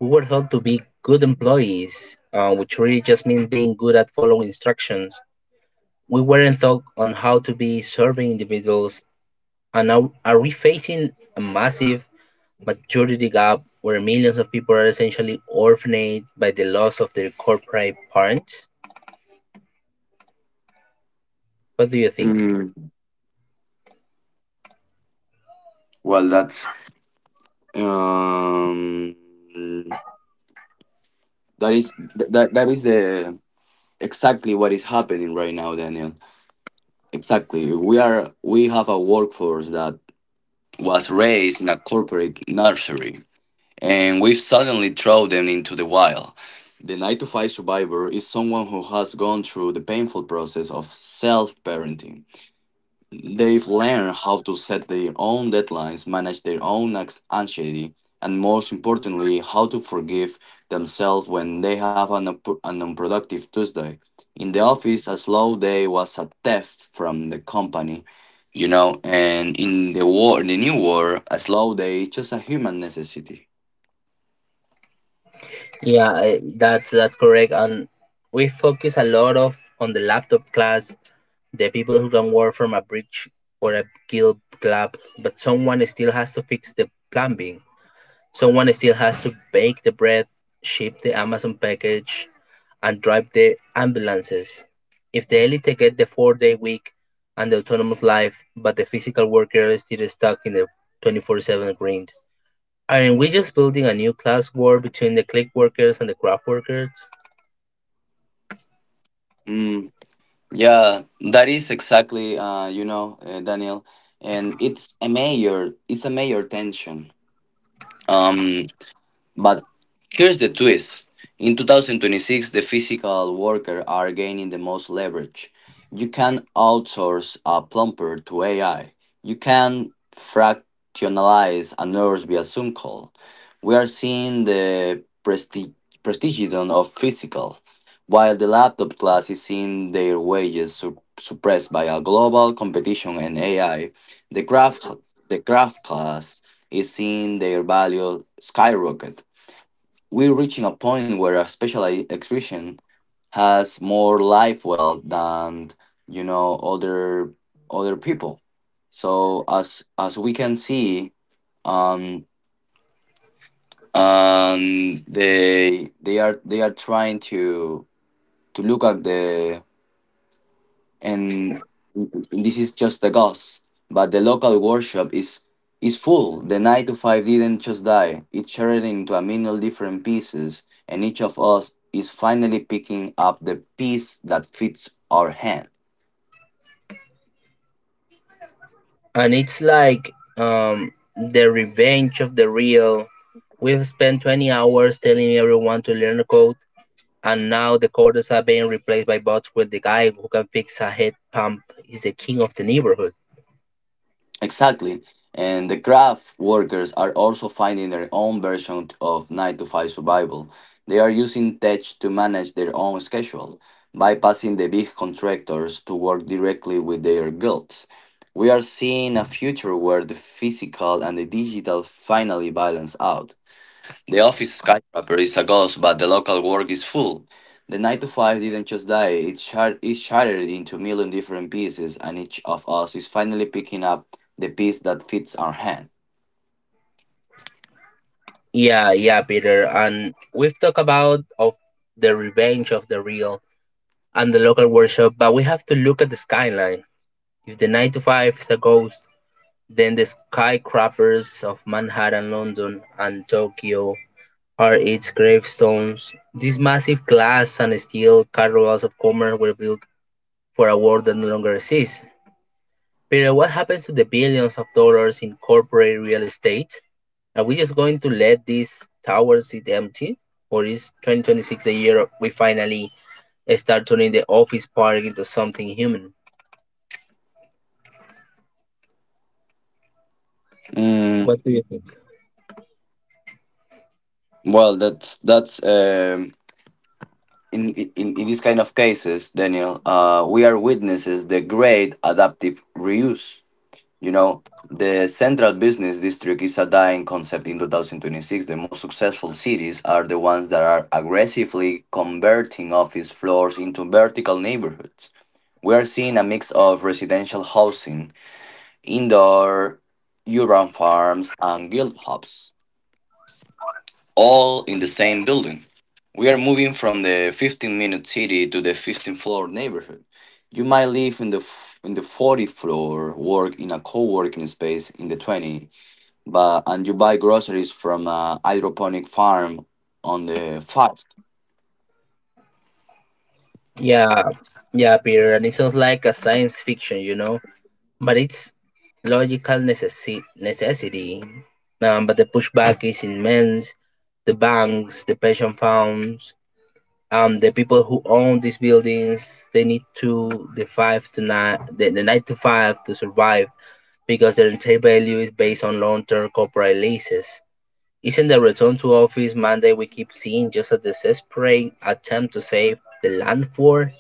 Speaker 1: We were taught to be good employees, which really just means being good at following instructions. We weren't taught on how to be serving individuals, and now are we facing a massive maturity gap where millions of people are essentially orphaned by the loss of their corporate parents? What do you think?
Speaker 2: Mm, well, that's um, that is that that is the exactly what is happening right now, Daniel. Exactly. We have a workforce that was raised in a corporate nursery, and we've suddenly thrown them into the wild. The 9 to 5 survivor is someone who has gone through the painful process of self parenting. They've learned how to set their own deadlines, manage their own anxiety, and most importantly, how to forgive themselves when they have an unproductive Tuesday. In the office, a slow day was a theft from the company, and in the new war, a slow day is just a human necessity.
Speaker 1: Yeah, that's correct. And we focus a lot of on the laptop class, the people who can work from a bridge or a guild club, but someone still has to fix the plumbing. Someone still has to bake the bread, ship the Amazon package, and drive the ambulances. If the elite get the four-day week and the autonomous life, but the physical worker is still stuck in the 24/7 grind, aren't we just building a new class war between the click workers and the craft workers?
Speaker 2: Mm, yeah, that is exactly, Daniel, and it's a major tension. Um, But here's the twist. In 2026, the physical worker are gaining the most leverage. You can outsource a plumber to AI. You can fractionalize a nurse via Zoom call. We are seeing the prestigion of physical, while the laptop class is seeing their wages suppressed by a global competition and AI. The craft, the craft class is seeing their value skyrocket. We're reaching a point where a specialized extraction has more life well than you know other other people. So, as we can see, um, they are trying to look at the and this is just the ghost. But the local workshop is full. The 9 to 5 didn't just die; it shattered into a million different pieces, and each of us is finally picking up the piece that fits our hand.
Speaker 1: And it's like, the revenge of the real. We've spent 20 hours telling everyone to learn the code, and now the coders are being replaced by bots with the guy who can fix a head pump is the king of the neighborhood.
Speaker 2: Exactly. And the craft workers are also finding their own version of 9 to 5 survival. They are using tech to manage their own schedule, bypassing the big contractors to work directly with their guilds. We are seeing a future where the physical and the digital finally balance out. The office skyscraper is a ghost, but the local work is full. The 9 to 5 didn't just die, it shattered into a million different pieces, and each of us is finally picking up the piece that fits our hand.
Speaker 1: Yeah, yeah, Peter. And we've talked about of the revenge of the real and the local workshop, but we have to look at the skyline. If the nine to five is a ghost, then the skyscrapers of Manhattan, London, and Tokyo are its gravestones. These massive glass and steel cartwheels of commerce were built for a world that no longer exists. But what happened to the billions of dollars in corporate real estate? Are we just going to let these towers sit empty? Or is 2026 the year we finally start turning the office park into something human?
Speaker 2: Mm, well, that's In these kind of cases, Daniel, we are witnesses the great adaptive reuse. You know, the central business district is a dying concept in 2026. The most successful cities are the ones that are aggressively converting office floors into vertical neighborhoods. We are seeing a mix of residential housing, indoor urban farms, and guild hubs, all in the same building. We are moving from the 15-minute city to the 15-floor neighborhood. You might live in the in the 40th floor, work in a co-working space in the 20, but and you buy groceries from a hydroponic farm on the farm.
Speaker 1: Yeah, yeah, Peter, and it feels like a science fiction, you know? But it's logical necessity. But the pushback is immense. The banks, the pension funds, the people who own these buildings, they need to the five to nine, the nine to five to survive because their entire value is based on long-term corporate leases. Isn't the return to office mandate we keep seeing just a desperate attempt to save the land for,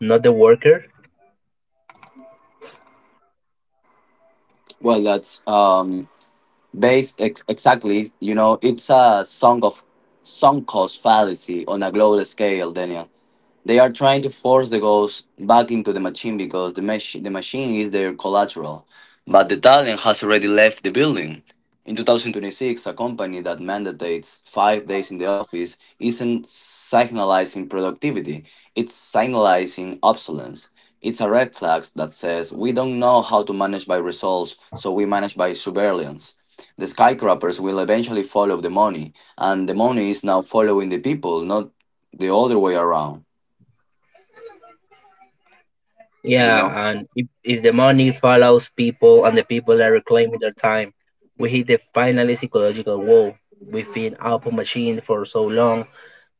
Speaker 1: not the worker?
Speaker 2: Well, that's um exactly. You know, it's a song of sunk cost fallacy on a global scale, Daniel. They are trying to force the ghost back into the machine because the machine is their collateral. But the talent has already left the building. In 2026, a company that mandates 5 days in the office isn't signalizing productivity, it's signalizing obsolescence. It's a red flag that says we don't know how to manage by results, so we manage by surveillance. The skyscrapers will eventually follow the money, and the money is now following the people, not the other way around. you know
Speaker 1: Yeah, and if the money follows people and the people are reclaiming their time, we hit the final psychological wall. We've been output machine for so long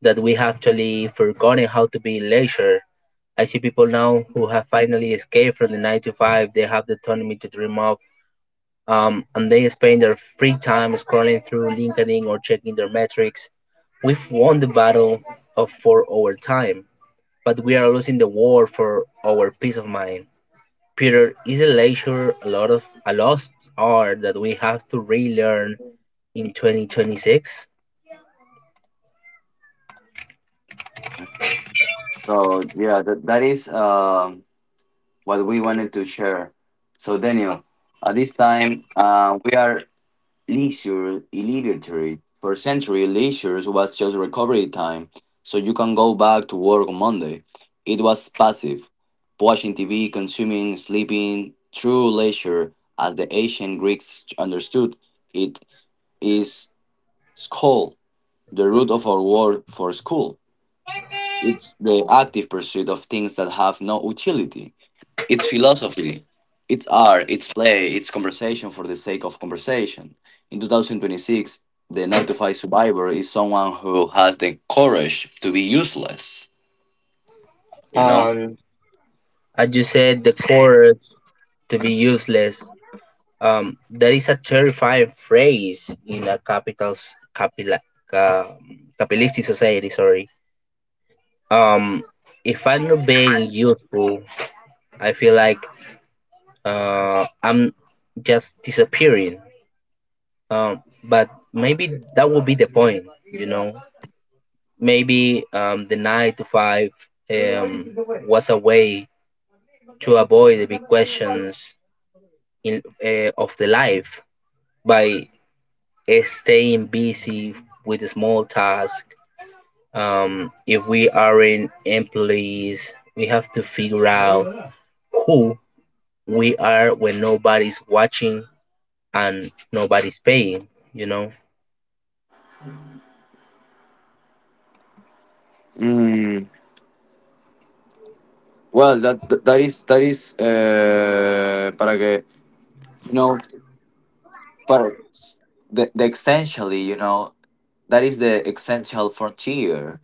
Speaker 1: that we have actually forgotten how to be leisure. I see people now who have finally escaped from the 9 to 5, they have the autonomy to dream of, and they spend their free time scrolling through LinkedIn or checking their metrics. We've won the battle of for our time, but we are losing the war for our peace of mind. Peter is a lecturer a lot of a lost art that we have to relearn in 2026.
Speaker 2: so, yeah, that is what we wanted to share, so Daniel. At this time, we are leisure illiterate. For century leisure was just recovery time, so you can go back to work on Monday. It was passive: watching TV, consuming, sleeping. True leisure, as the ancient Greeks understood it, is school, the root of our word for school. It's the active pursuit of things that have no utility. It's philosophy. It's art, it's play, it's conversation for the sake of conversation. In 2026, the 9 to 5 survivor is someone who has the courage to be useless, you know?
Speaker 1: And as you said, the chorus to be useless. That is a terrifying phrase in a ca, capitalistic society. Sorry. Um, if I'm not being useful, I feel like I'm just disappearing. But maybe that would be the point, you know. Maybe the nine to five um, was a way to avoid the big questions in, of the life by staying busy with the small tasks. If we aren't employees, we have to figure out who we are when nobody's watching and nobody's paying. You know,
Speaker 2: Mm, well, that that that is para que. You know, but the essentially. That is the essential frontier.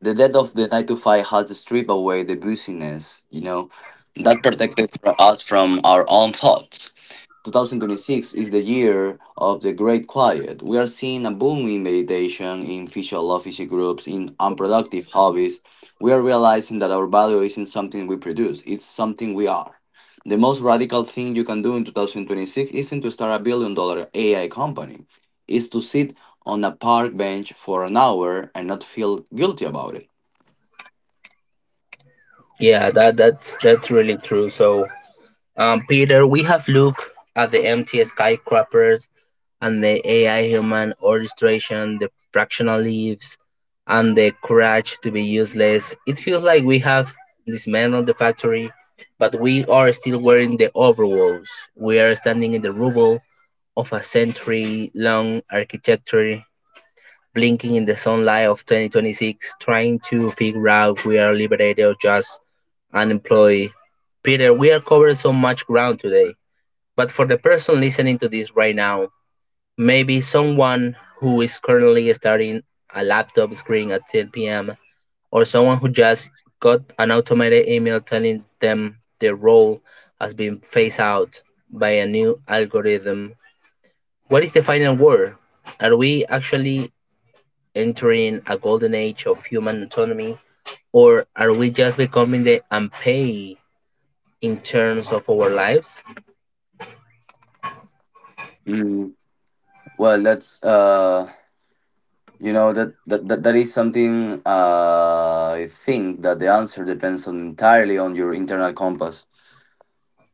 Speaker 2: The death of the 9 to 5 has stripped away the busyness, that protected us from our own thoughts. 2026 is the year of the Great Quiet. We are seeing a boom in meditation, in physical office groups, in unproductive hobbies. We are realizing that our value isn't something we produce, it's something we are. The most radical thing you can do in 2026 isn't to start a billion-dollar AI company, it's to sit on a park bench for an hour and not feel guilty about it.
Speaker 1: yeah, that's really true. So Peter, we have looked at the empty skyscrapers and the AI human orchestration, the fractional leaves, and the courage to be useless. It feels like we have dismantled the factory, but we are still wearing the overalls. We are standing in the rubble of a century long architecture blinking in the sunlight of 2026, trying to figure out if we are liberated or just unemployed. Peter, we are covering so much ground today. But for the person listening to this right now, maybe someone who is currently starting a laptop screen at 10 p.m., or someone who just got an automated email telling them their role has been phased out by a new algorithm. What is the final word? Are we actually entering a golden age of human autonomy, or are we just becoming the unpaid in terms of our lives?
Speaker 2: Mm, well, that's You know that that that, that is something I think that the answer depends on entirely on your internal compass.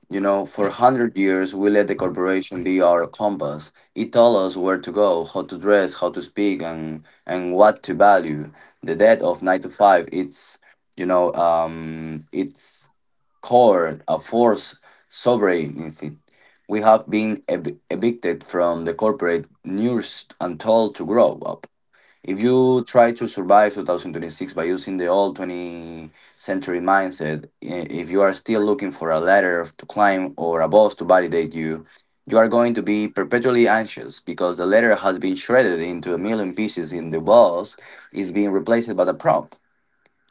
Speaker 2: You know, for 100 years we let the corporation be our compass. It told us where to go, how to dress, how to speak, and what to value. The death of 9 to 5. It's you know it's core a force sovereignty. We have been evicted from the corporate nurse and told to grow up. If you try to survive 2026 by using the old 20th century mindset, if you are still looking for a ladder to climb or a boss to validate you, you are going to be perpetually anxious because the ladder has been shredded into a million pieces and the boss is being replaced by the prompt,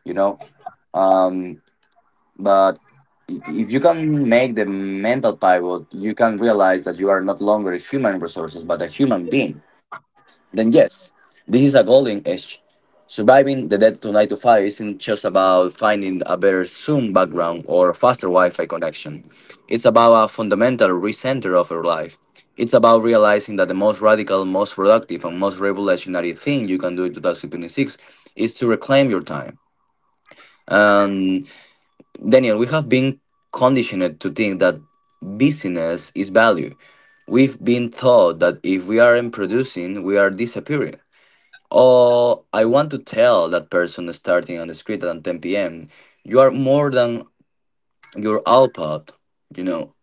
Speaker 2: you know? Um, but if you can make the mental pivot, you can realize that you are not longer human resources but a human being, then yes, this is a golden age. Surviving the dead to 9 to 5 isn't just about finding a better Zoom background or a faster Wi Fi connection. It's about a fundamental recenter of your life. It's about realizing that the most radical, most productive, and most revolutionary thing you can do in 2026 is to reclaim your time. And Daniel, we have been conditioned to think that busyness is value. We've been taught that if we aren't producing, we are disappearing. Oh, I want to tell that person starting on the street at 10 p.m. You are more than your output, you know,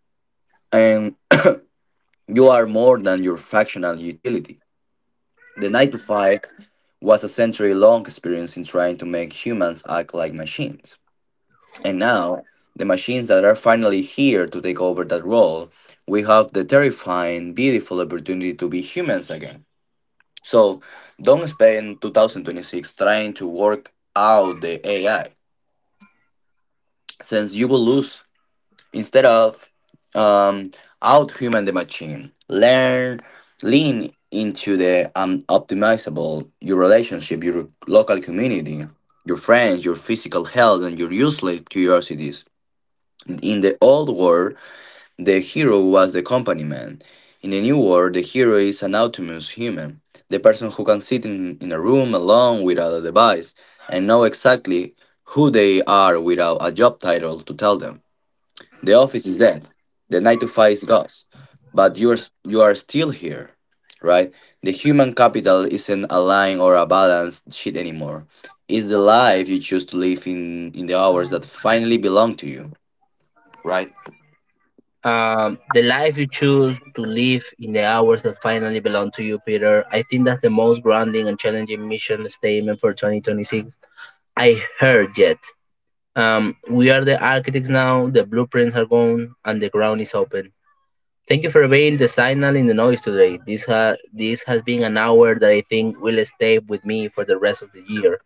Speaker 2: and you are more than your fractional utility. The 9 to 5 was a century long experience in trying to make humans act like machines. And now, the machines that are finally here to take over that role, we have the terrifying, beautiful opportunity to be humans again. So, don't spend 2026 trying to work out the AI, since you will lose. Instead of um, outhuman the machine, learn, lean into the unoptimizable your relationship, your local community, your friends, your physical health, and your useless curiosities. In the old world, the hero was the company man. In the new world, the hero is an autonomous human, the person who can sit in a room alone without a device and know exactly who they are without a job title to tell them. The office is dead. The 9 to 5 is gone. But you are still here, right? The human capital isn't a line or a balanced sheet anymore. It's the life you choose to live in the hours that finally belong to you, right?
Speaker 1: The life you choose to live in the hours that finally belong to you, Peter. I think that's the most grounding and challenging mission statement for 2026 I heard yet. We are the architects now, the blueprints are gone, and the ground is open. Thank you for being the signal in the noise today. This has been an hour that I think will stay with me for the rest of the year.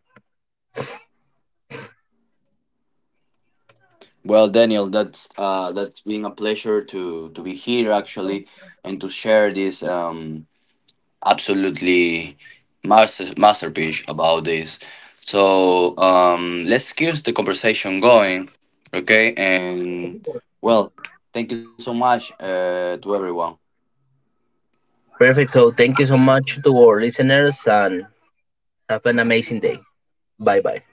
Speaker 2: Well, Daniel, that's been a pleasure to be here actually, and to share this absolutely masterpiece about this. So, let's keep the conversation going, okay? And well, thank you so much to everyone.
Speaker 1: Perfect. So thank you so much to our listeners and have an amazing day. Bye bye.